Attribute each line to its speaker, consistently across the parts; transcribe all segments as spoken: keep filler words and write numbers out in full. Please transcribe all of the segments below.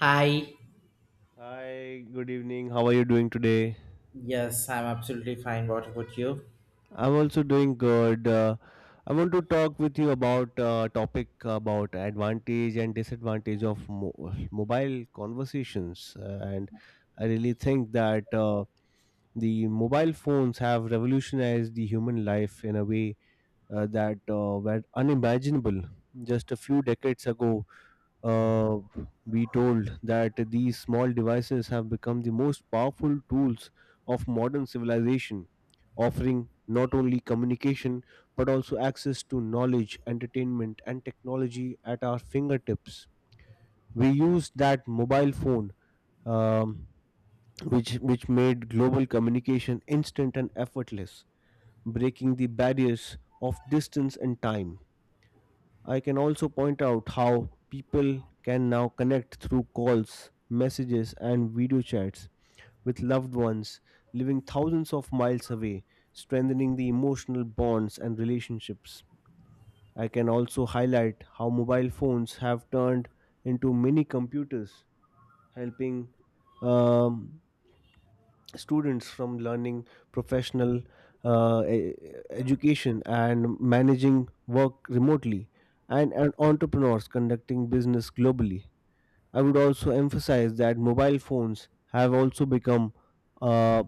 Speaker 1: Hi.
Speaker 2: Hi, good evening. How are you doing today?
Speaker 1: Yes, I'm absolutely fine. What about you?
Speaker 2: I'm also doing good. Uh, I want to talk with you about uh, topic about advantage and disadvantage of mo- mobile conversations. Uh, and I really think that uh, the mobile phones have revolutionized the human life in a way uh, that uh, were unimaginable just a few decades ago. uh, we told that these small devices have become the most powerful tools of modern civilization, offering not only communication but also access to knowledge, entertainment, and technology at our fingertips. We used that mobile phone, um, which which made global communication instant and effortless, breaking the barriers of distance and time. I can also point out how people can now connect through calls, messages, and video chats with loved ones living thousands of miles away, strengthening the emotional bonds and relationships. I can also highlight how mobile phones have turned into mini computers, helping um, students from learning professional uh, e- education and managing work remotely and, and entrepreneurs conducting business globally. I would also emphasize that mobile phones have also become a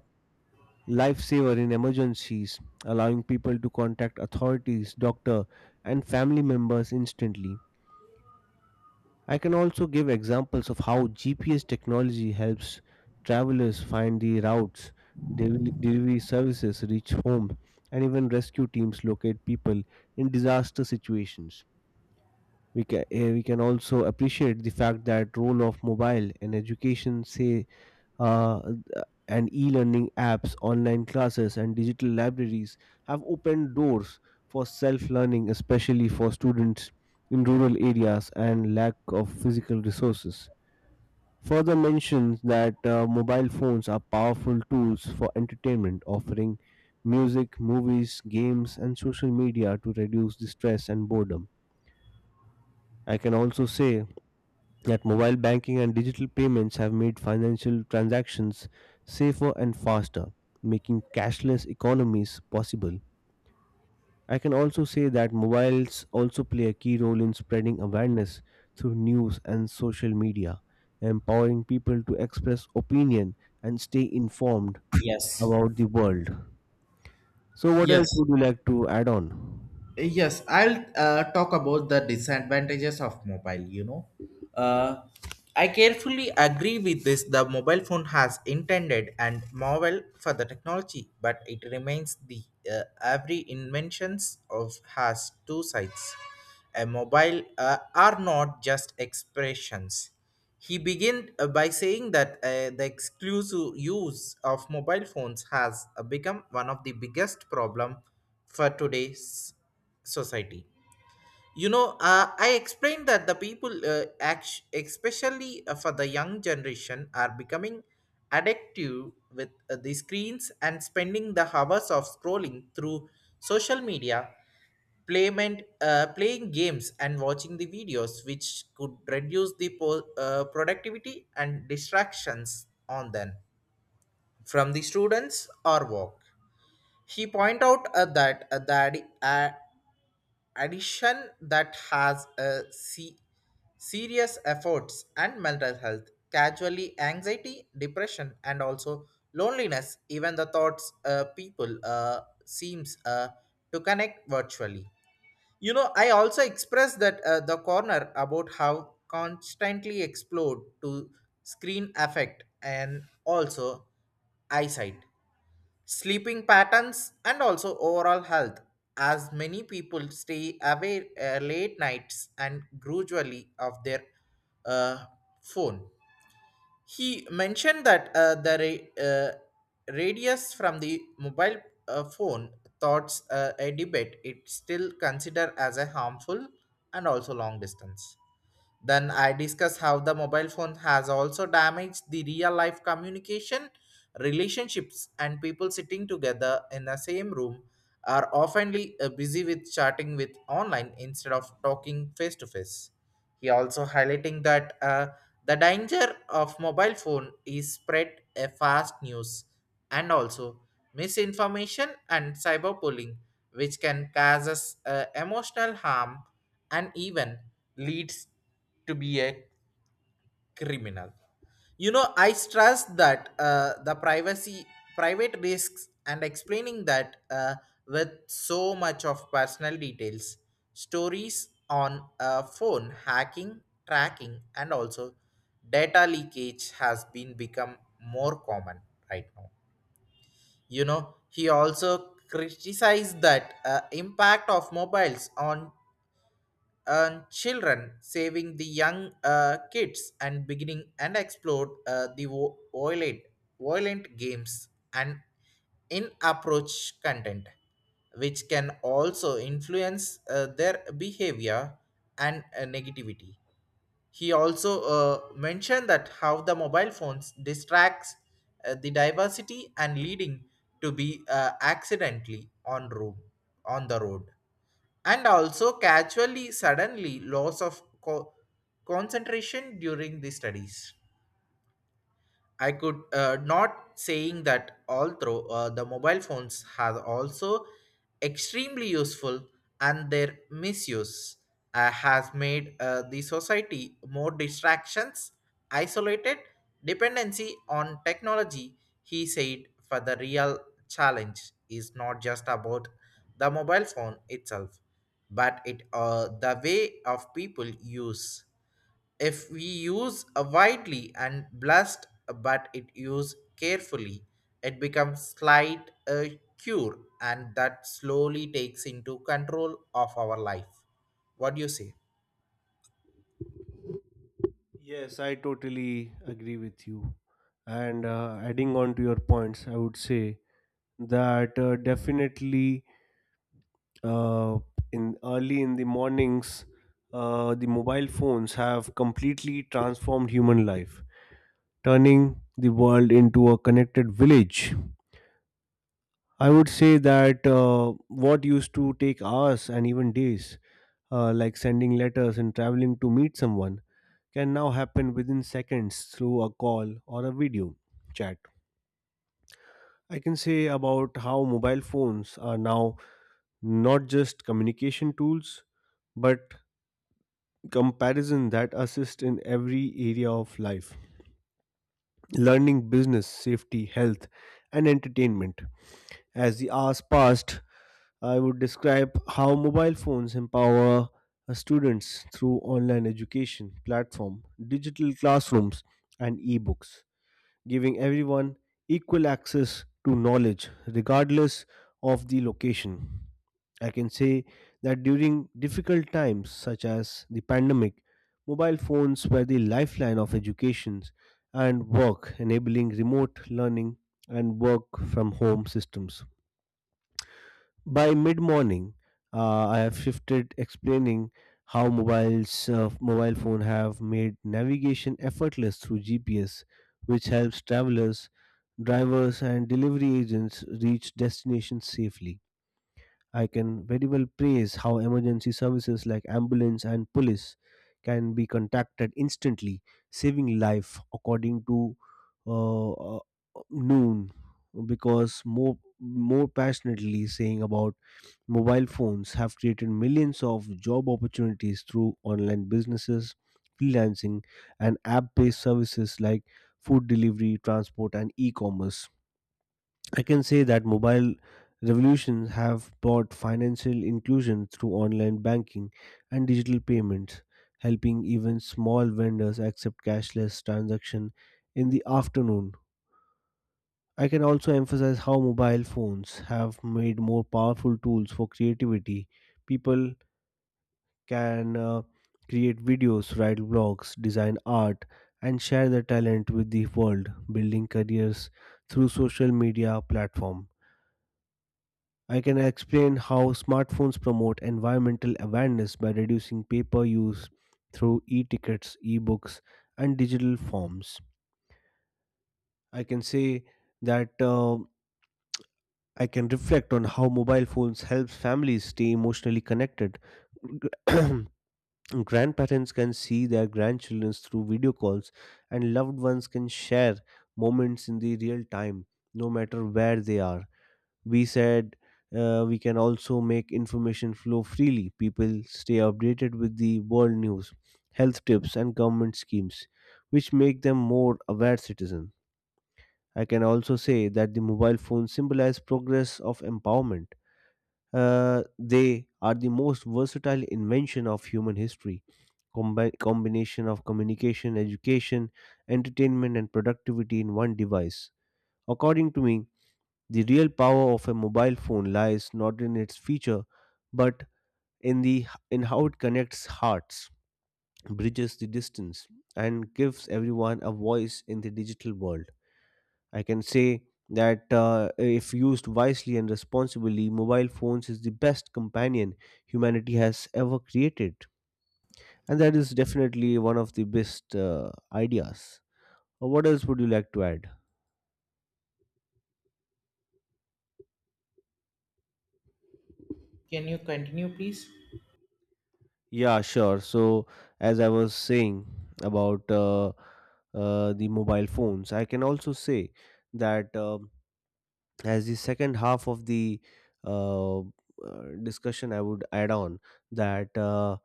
Speaker 2: lifesaver in emergencies, allowing people to contact authorities, doctor, and family members instantly. I can also give examples of how G P S technology helps travelers find the routes, delivery delivery services reach home, and even rescue teams locate people in disaster situations. We can, we can also appreciate the fact that role of mobile in education say uh, and e-learning apps, online classes, and digital libraries have opened doors for self-learning, especially for students in rural areas and lack of physical resources. Further mentions that uh, mobile phones are powerful tools for entertainment, offering music, movies, games, and social media to reduce the stress and boredom. I can also say that mobile banking and digital payments have made financial transactions safer and faster, making cashless economies possible. I can also say that mobiles also play a key role in spreading awareness through news and social media, empowering people to express opinion and stay informed
Speaker 1: Yes.
Speaker 2: about the world. So, what else
Speaker 1: Yes.
Speaker 2: would you like to add on?
Speaker 1: Yes, I'll uh, talk about the disadvantages of mobile. You know, uh, I carefully agree with this. The mobile phone has intended and marvel for the technology, but it remains the uh, every inventions of has two sides. A mobile uh, are not just expressions. He began uh, by saying that uh, the exclusive use of mobile phones has uh, become one of the biggest problem for today's society. you know uh, I explained that the people uh, act- especially uh, for the young generation are becoming addictive with uh, the screens and spending the hours of scrolling through social media playment, uh, playing games and watching the videos which could reduce the po- uh, productivity and distractions on them from the students or work. He point out uh, that uh, the addi- uh, addiction that has a se- serious efforts and mental health casually anxiety depression and also loneliness even the thoughts uh, people uh, seems uh, to connect virtually. you know I also expressed that uh, the corner about how constantly explode to screen affect and also eyesight sleeping patterns, and also overall health, as many people stay away uh, late nights and gradually of their uh, phone. He mentioned that uh, the ra- uh, radius from the mobile uh, phone thoughts uh, a debate it still considered as a harmful and also long distance. Then I discuss how the mobile phone has also damaged the real life communication, relationships, and people sitting together in the same room are often uh, busy with chatting with online instead of talking face to face. He also highlighting that uh, the danger of mobile phone is spread a fast news and also misinformation and cyberbullying, which can cause us uh, emotional harm and even leads to be a criminal. you know I stress that uh, the privacy private risks and explaining that uh, with so much of personal details stories on a phone hacking tracking and also data leakage has been become more common right now. you know he also criticized that uh, impact of mobiles on and children saving the young uh, kids and beginning and explore uh, the vo- violent, violent games and in approach content which can also influence uh, their behavior and uh, negativity. He also uh, mentioned that how the mobile phones distracts uh, the diversity and leading to be uh, accidentally on room on the road and also casually suddenly loss of co- concentration during the studies. I could uh, not saying that although uh, the mobile phones have also extremely useful and their misuse uh, has made uh, the society more distractions, isolated, dependency on technology. He said, for the real challenge is not just about the mobile phone itself, but it uh, the way of people use. If we use a widely and blessed but it used carefully it becomes slight a cure and that slowly takes into control of our life. What do you say?
Speaker 2: Yes, I totally agree with you. And uh, adding on to your points, I would say that uh, definitely uh, in early in the mornings uh, the mobile phones have completely transformed human life, turning the world into a connected village. I would say that uh, what used to take hours and even days, uh, like sending letters and traveling to meet someone, can now happen within seconds through a call or a video chat. I can say about how mobile phones are now not just communication tools, but comparison that assist in every area of life, learning, business, safety, health, and entertainment. As the hours passed, I would describe how mobile phones empower students through online education platform, digital classrooms, and ebooks, giving everyone equal access to knowledge, regardless of the location. I can say that during difficult times such as the pandemic, mobile phones were the lifeline of education and work, enabling remote learning and work from home systems. By mid morning, uh, I have shifted explaining how mobiles uh, mobile phone have made navigation effortless through G P S, which helps travelers, drivers, and delivery agents reach destinations safely. I can very well praise how emergency services like ambulance and police can be contacted instantly, saving life according to uh, uh, noon, because more more passionately saying about mobile phones have created millions of job opportunities through online businesses, freelancing, and app based services like food delivery, transport, and e commerce. I can say that mobile revolutions have brought financial inclusion through online banking and digital payments, helping even small vendors accept cashless transaction in the afternoon. I can also emphasize how mobile phones have made more powerful tools for creativity. People can uh, create videos, write blogs, design art, and share their talent with the world, building careers through social media platform. I can explain how smartphones promote environmental awareness by reducing paper use through e-tickets, e-books, and digital forms. I can say that uh, I can reflect on how mobile phones helps families stay emotionally connected. Grandparents can see their grandchildren through video calls, and loved ones can share moments in the real time, no matter where they are. We said uh, we can also make information flow freely. People stay updated with the world news, health tips, and government schemes, which make them more aware citizens. I can also say that the mobile phone symbolizes progress of empowerment. Uh, they are the most versatile invention of human history. Combi- combination of communication, education, entertainment, and productivity in one device. According to me, the real power of a mobile phone lies not in its feature, but in the in how it connects hearts, bridges the distance, and gives everyone a voice in the digital world. I can say that uh, if used wisely and responsibly, mobile phones is the best companion humanity has ever created. And that is definitely one of the best uh, ideas. Uh, What else would you like to add?
Speaker 1: Can you continue please?
Speaker 2: Yeah, sure. So, as I was saying about uh, uh, the mobile phones, I can also say that um as the second half of the uh, uh, discussion, I would add on that. Uh,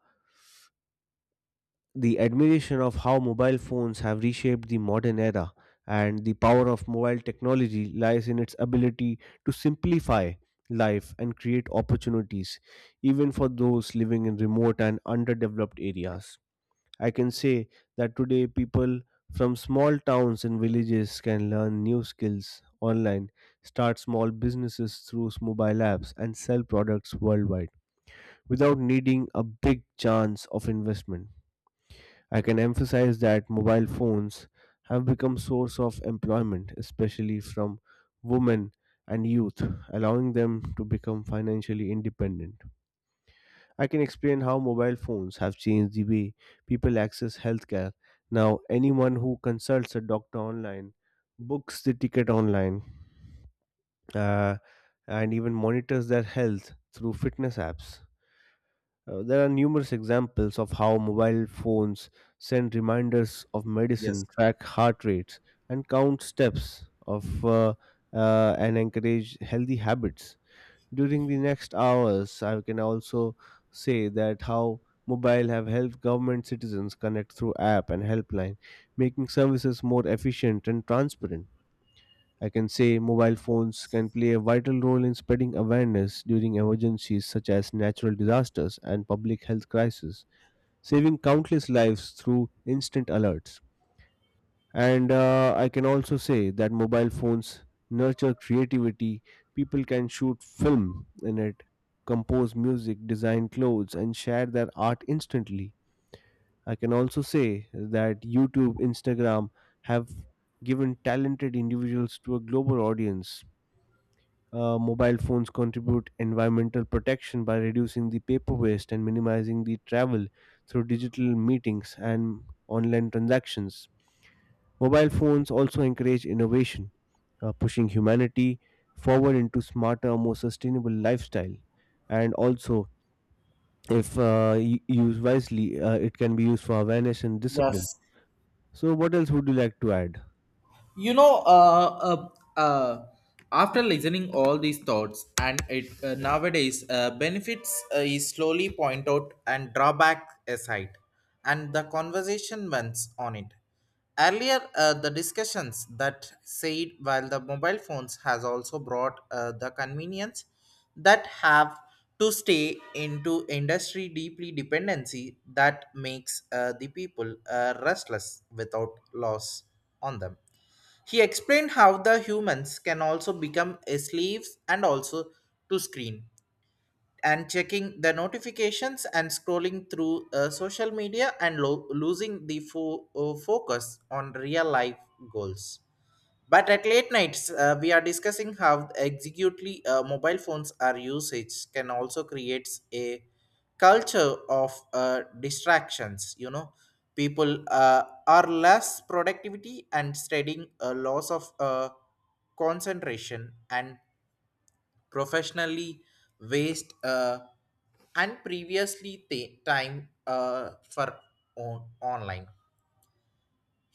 Speaker 2: The admiration of how mobile phones have reshaped the modern era and the power of mobile technology lies in its ability to simplify life and create opportunities even for those living in remote and underdeveloped areas. I can say that today people from small towns and villages can learn new skills online, start small businesses through mobile apps, and sell products worldwide without needing a big chance of investment. I can emphasize that mobile phones have become source of employment, especially from women and youth, allowing them to become financially independent. I can explain how mobile phones have changed the way people access healthcare. Now anyone who consults a doctor online, books the ticket online, uh, and even monitors their health through fitness apps. Uh, there are numerous examples of how mobile phones send reminders of medicine, track heart rates, and count steps of uh, uh, and encourage healthy habits. During the next hours, I can also say that how mobile have helped government citizens connect through app and helpline, making services more efficient and transparent. I can say mobile phones can play a vital role in spreading awareness during emergencies such as natural disasters and public health crises, saving countless lives through instant alerts. And uh, I can also say that mobile phones nurture creativity. People can shoot film in it, compose music, design clothes, and share their art instantly. I can also say that YouTube, Instagram have given talented individuals to a global audience. Uh, mobile phones contribute environmental protection by reducing the paper waste and minimizing the travel through digital meetings and online transactions. Mobile phones also encourage innovation, uh, pushing humanity forward into smarter, more sustainable lifestyle. And also, if uh, y- used wisely, uh, it can be used for awareness and discipline.
Speaker 1: Yes,
Speaker 2: So, what else would you like to add?
Speaker 1: you know uh, uh, uh, after listening all these thoughts and it uh, nowadays uh, benefits uh, is slowly point out and drawback aside and the conversation went on it earlier. Uh, the discussions that said while the mobile phones has also brought uh, the convenience that have to stay into industry deeply dependency that makes uh, the people uh, restless without loss on them. He explained how the humans can also become slaves and also to screen and checking the notifications and scrolling through uh, social media and lo- losing the fo- uh, focus on real life goals. But at late nights, uh, we are discussing how executely uh, mobile phones are usage can also creates a culture of uh, distractions. You know, people uh, are less productivity and studying a loss of uh, concentration and professionally waste uh, and previously ta- time uh, for on- online.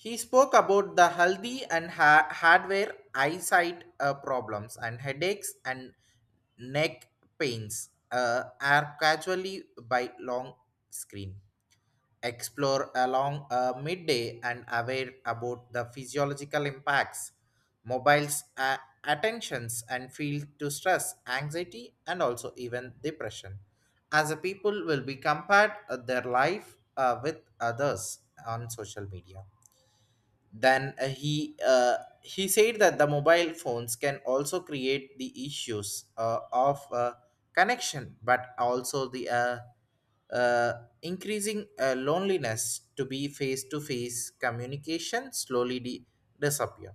Speaker 1: He spoke about the healthy and ha- hardware eyesight uh, problems and headaches and neck pains uh, are casually by long screen. Explore along uh, midday and aware about the physiological impacts, mobiles, uh, attentions, and feel to stress, anxiety, and also even depression. As a people will be compared uh, their life uh, with others on social media. Then uh, he uh, he said that the mobile phones can also create the issues uh, of uh, connection, but also the uh, uh, increasing uh, loneliness to be face to face communication slowly de- disappear.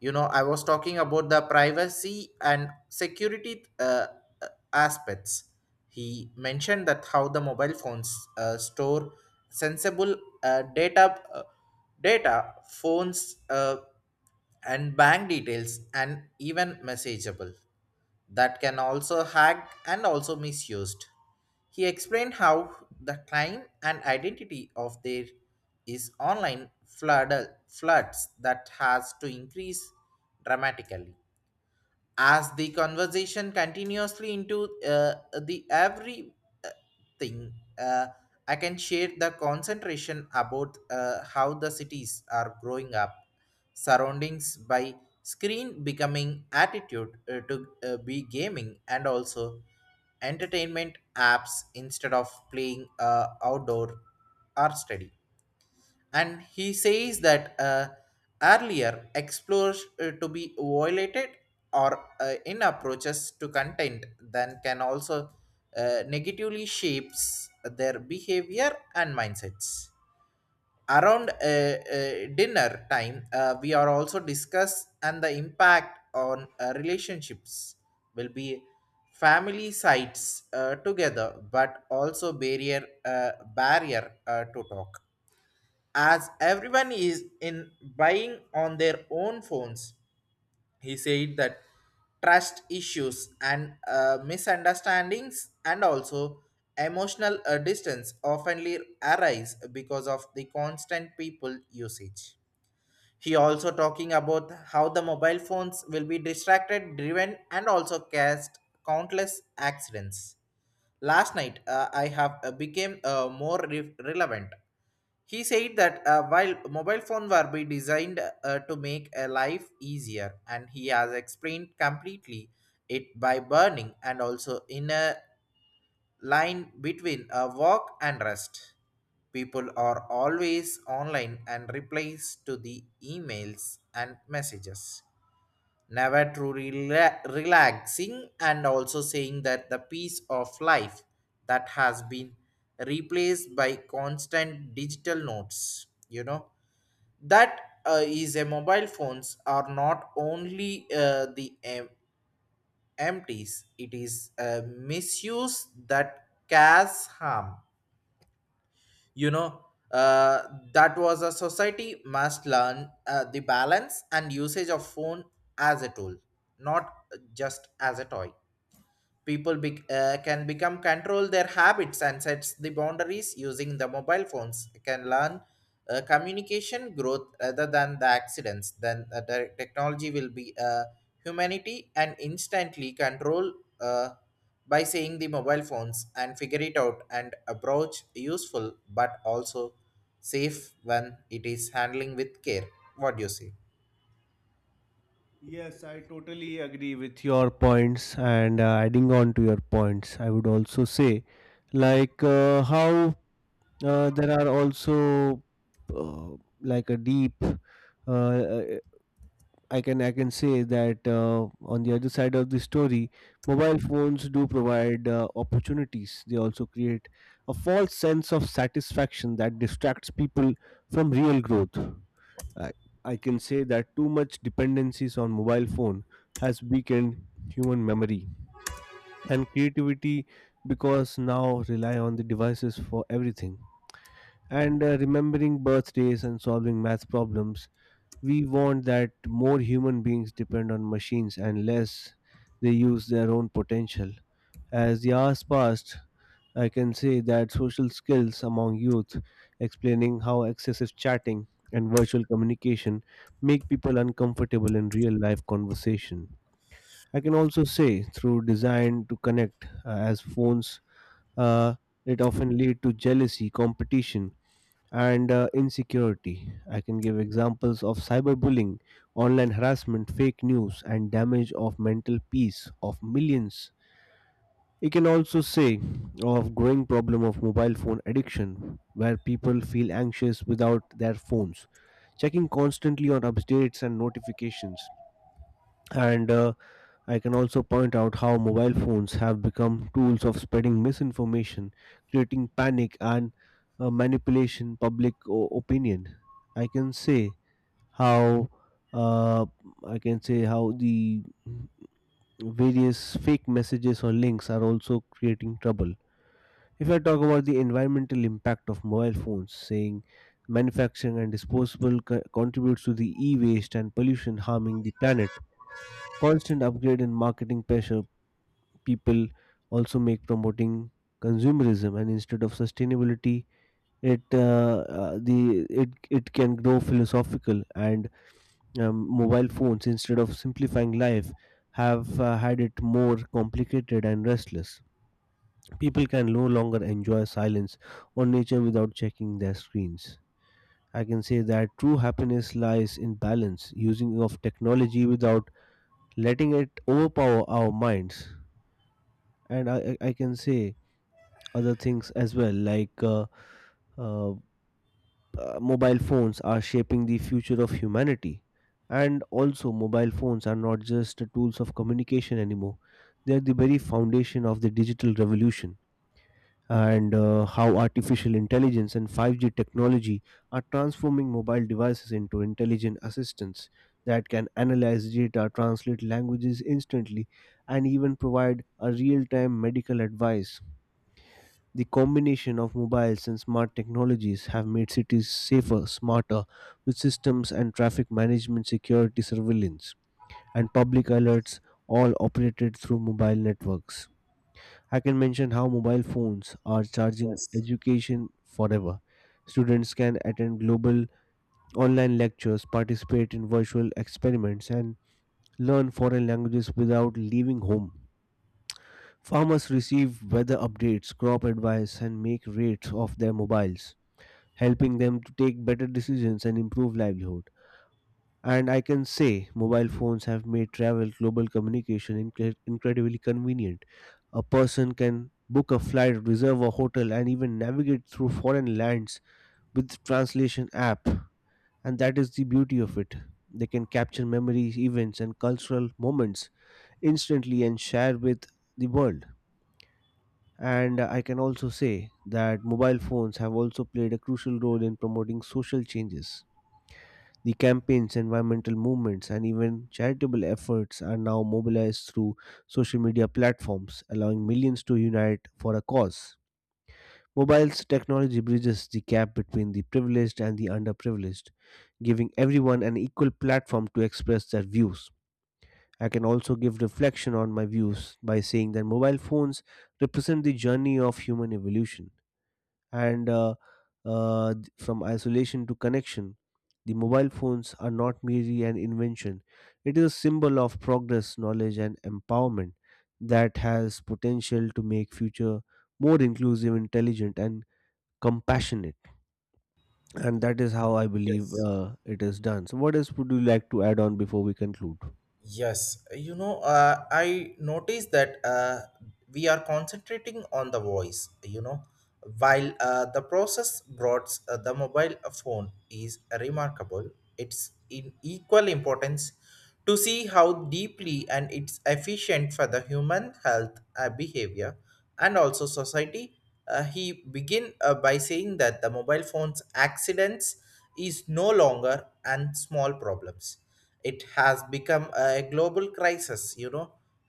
Speaker 1: you know I was talking about the privacy and security uh, uh, aspects. He mentioned that how the mobile phones uh, store sensible uh, data uh, data phones uh, and bank details and even messageable that can also hack and also misused. He explained how the time and identity of there is online flood, floods that has to increase dramatically as the conversation continuously into uh, the every uh, thing. uh, I can share the concentration about uh, how the cities are growing up surroundings by screen becoming attitude uh, to uh, be gaming and also entertainment apps instead of playing uh, outdoor or study. And he says that uh, earlier explores uh, to be violated or uh, in approaches to content then can also uh, negatively shapes their behavior and mindsets around uh, uh, dinner time. Uh, we are also discuss and the impact on uh, relationships will be family sites uh, together but also barrier uh, barrier uh, to talk as everyone is in buying on their own phones. He said that trust issues and uh, misunderstandings and also emotional uh, distance oftenly arise because of the constant people usage. He also talking about how the mobile phones will be distracted, driven, and also caused countless accidents. Last night, uh, I have uh, became uh, more re- relevant. He said that uh, while mobile phones were be designed uh, to make a life easier, and he has explained completely it by burning and also in a line between a work and rest. People are always online and replies to the emails and messages never too rela- relaxing and also saying that the peace of life that has been replaced by constant digital notes. You know that uh, is a mobile phones are not only uh, the em- empties it is a misuse that causes harm. you know uh, that was a society must learn uh, the balance and usage of phone as a tool not just as a toy. People be uh, can become control their habits and sets the boundaries using the mobile phones can learn uh, communication growth rather than the accidents then uh, the technology will be uh, humanity and instantly control uh, by saying the mobile phones and figure it out and approach useful but also safe when it is handling with care. What do you say?
Speaker 2: Yes, I totally agree with your points, and uh, adding on to your points, I would also say like uh, how uh, there are also uh, like a deep uh, uh, I can I can say that uh, on the other side of the story, mobile phones do provide uh, opportunities. They also create a false sense of satisfaction that distracts people from real growth. I, I can say that too much dependencies on mobile phone has weakened human memory and creativity because now rely on the devices for everything. And uh, remembering birthdays and solving math problems, we want that more human beings depend on machines and less they use their own potential. As the hours passed, I can say that social skills among youth, explaining how excessive chatting and virtual communication make people uncomfortable in real life conversation. I can also say through design to connect, uh, as phones, uh, it often lead to jealousy, competition, and uh, insecurity. I can give examples of cyberbullying, online harassment, fake news, and damage of mental peace of millions. You can also say of growing problem of mobile phone addiction, where people feel anxious without their phones, checking constantly on updates and notifications, and uh, I can also point out how mobile phones have become tools of spreading misinformation, creating panic, and uh, manipulation public o- opinion. I can say how uh, I can say how the various fake messages or links are also creating trouble. If I talk about the environmental impact of mobile phones, saying manufacturing and disposable co- contributes to the e-waste and pollution harming the planet, constant upgrade in marketing pressure people also make promoting consumerism and instead of sustainability it uh, uh, the it it can grow philosophical. And um, Mobile phones instead of simplifying life have uh, had it more complicated and restless. People can no longer enjoy silence or nature without checking their screens. I can say that true happiness lies in balance using of technology without letting it overpower our minds, and i, I I can say other things as well, like uh, uh, uh, mobile phones are shaping the future of humanity. And also, mobile phones are not just tools of communication anymore, they are the very foundation of the digital revolution. And uh, How artificial intelligence and five G technology are transforming mobile devices into intelligent assistants that can analyze data, translate languages instantly, and even provide a real time medical advice. The combination of mobiles and smart technologies have made cities safer, smarter, with systems and traffic management, security surveillance, and public alerts all operated through mobile networks. I can mention how mobile phones are charging
Speaker 1: Yes,
Speaker 2: education forever. Students can attend global online lectures, participate in virtual experiments, and learn foreign languages without leaving home. Farmers receive weather updates, crop advice, and make rates of their mobiles, helping them to take better decisions and improve livelihood. And I can say mobile phones have made travel global communication incre- incredibly convenient. A person can book a flight, reserve a hotel, and even navigate through foreign lands with translation app. And that is the beauty of it. They can capture memories, events, and cultural moments instantly and share with the world. And I can also say that mobile phones have also played a crucial role in promoting social changes. The campaigns, environmental movements, and even charitable efforts are now mobilized through social media platforms, allowing millions to unite for a cause. Mobile's technology bridges the gap between the privileged and the underprivileged, giving everyone an equal platform to express their views. I can also give reflection on my views by saying that mobile phones represent the journey of human evolution, and uh, uh, th- from isolation to connection the mobile phones are not merely an invention, it is a symbol of progress, knowledge, and empowerment that has potential to make future more inclusive, intelligent, and compassionate. And that is how I believe
Speaker 1: yes.
Speaker 2: uh, it is done. So, what else would you like to add on before we conclude?
Speaker 1: Yes, you know, uh, I noticed that uh, we are concentrating on the voice, you know, while uh, the process brought uh, the mobile phone is remarkable. It's in equal importance to see how deeply and it's efficient for the human health uh, behavior and also society. Uh, he begin uh, by saying that the mobile phone's accidents is no longer and small problems. It has become a global crisis. you know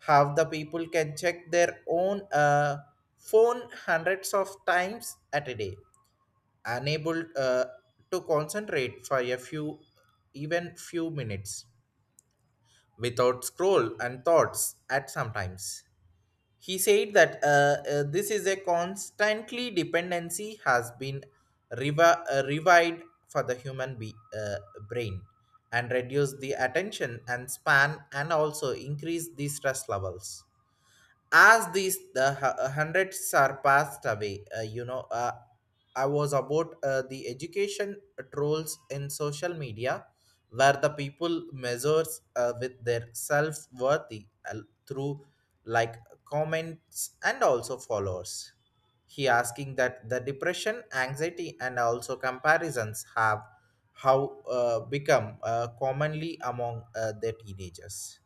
Speaker 1: How the people can check their own uh, phone hundreds of times at a day unable uh, to concentrate for a few even few minutes without scroll and thoughts at sometimes. He said that uh, uh, this is a constantly dependency has been revi- uh, revived for the human be- uh, brain and reduce the attention and span and also increase the stress levels as these the hu- hundreds are passed away. uh, you know uh, I was about uh, the education trolls in social media where the people measures uh, with their self-worthy uh, through like comments and also followers. He asking that the depression anxiety and also comparisons have how uh, become uh, commonly among uh, the teenagers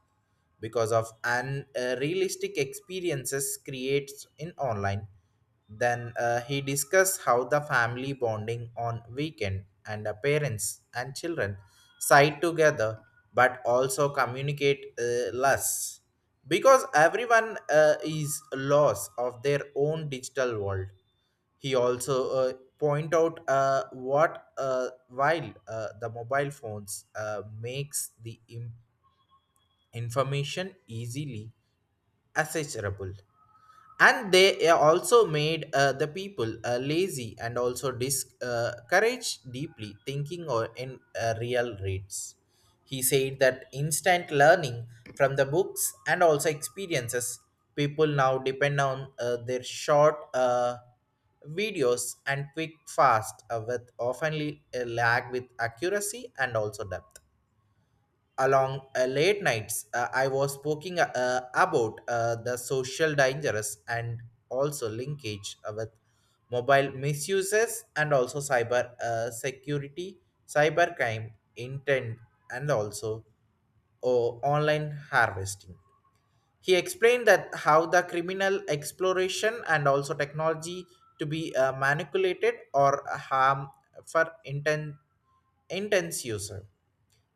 Speaker 1: because of unrealistic experiences creates in online. Then uh, he discussed how the family bonding on weekend and the parents and children side together but also communicate uh, less because everyone uh, is lost of their own digital world. He also uh, point out uh, what uh, while uh, the mobile phones uh, makes the im- information easily accessible and they uh, also made uh, the people uh, lazy and also discouraged deeply thinking or in uh, real rates. He said that instant learning from the books and also experiences people now depend on uh, their short uh, videos and quick fast uh, with often lag with accuracy and also depth. Along uh, late nights uh, I was speaking uh, about uh, the social dangers and also linkage uh, with mobile misuses and also cyber uh, security cyber crime intent and also or online harvesting. He explained that how the criminal exploration and also technology to be uh, manipulated or harm for intent intense user.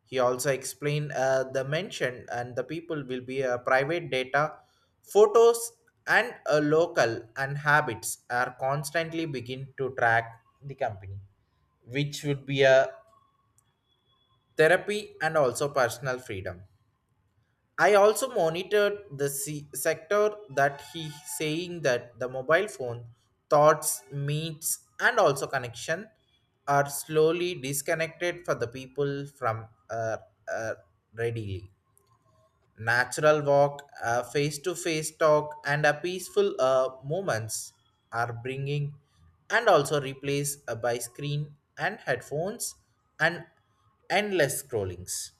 Speaker 1: He also explained uh, the mention and the people will be uh, private data, photos, and a local and habits are constantly begin to track the company, which would be a therapy and also personal freedom. I also monitored the se- sector that he saying that the mobile phone thoughts, meets, and also connection are slowly disconnected for the people from uh, uh, readily natural walk, face to face talk, and a peaceful uh, moments are bringing and also replaced uh, by screen and headphones and endless scrollings.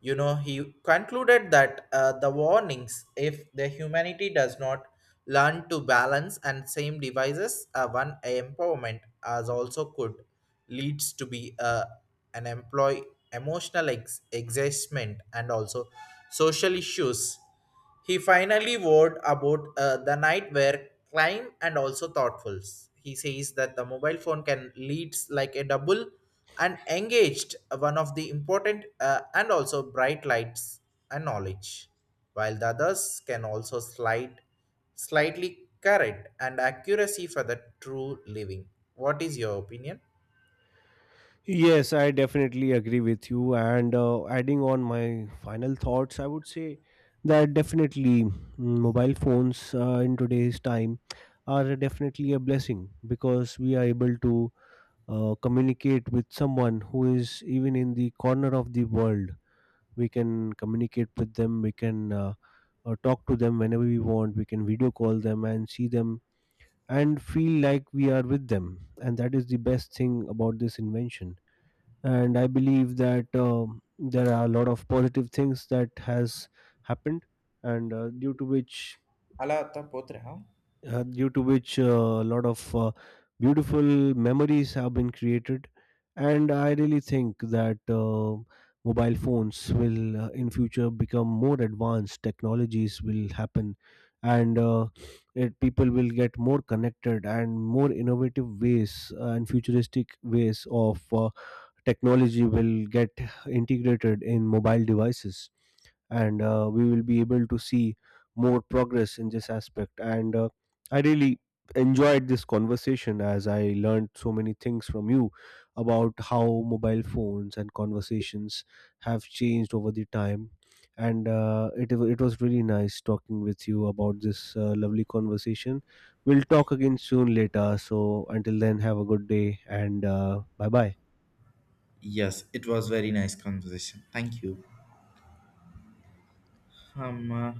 Speaker 1: You know, he concluded that uh, the warnings, if the humanity does not learn to balance and same devices, uh, one empowerment as also could leads to be uh, an employee emotional ex- exhaustment and also social issues. He finally wrote about uh, the night where climb and also thoughtful. He says that the mobile phone can leads like a double and engaged one of the important uh, and also bright lights and knowledge, while the others can also slide slightly correct and accuracy for the true living. What is your opinion?
Speaker 2: Yes, I definitely agree with you. And uh, Adding on my final thoughts, I would say that definitely mm, mobile phones uh, in today's time are definitely a blessing because we are able to uh, communicate with someone who is even in the corner of the world. We can communicate with them, we can uh, uh, talk to them whenever we want, we can video call them and see them and feel like we are with them. And that is the best thing about this invention, and I believe that um, there are a lot of positive things that has happened and uh, due to which
Speaker 1: ಅಲ್ಲ ಅತ್ತ ಪೋತ್ರೆ ಹಾ.
Speaker 2: uh, due to which uh, a lot of uh, beautiful memories have been created, and I really think that uh, mobile phones will uh, in future become more advanced, technologies will happen and uh, it, people will get more connected and more innovative ways uh, and futuristic ways of uh, technology will get integrated in mobile devices, and uh, we will be able to see more progress in this aspect. And uh, I really enjoyed this conversation as I learned so many things from you about how mobile phones and conversations have changed over the time, and uh, it, it was really nice talking with you about this uh, lovely conversation. We'll talk again soon later, so until then have a good day and uh, bye bye.
Speaker 1: Yes, it was very nice conversation. Thank you. Um, uh,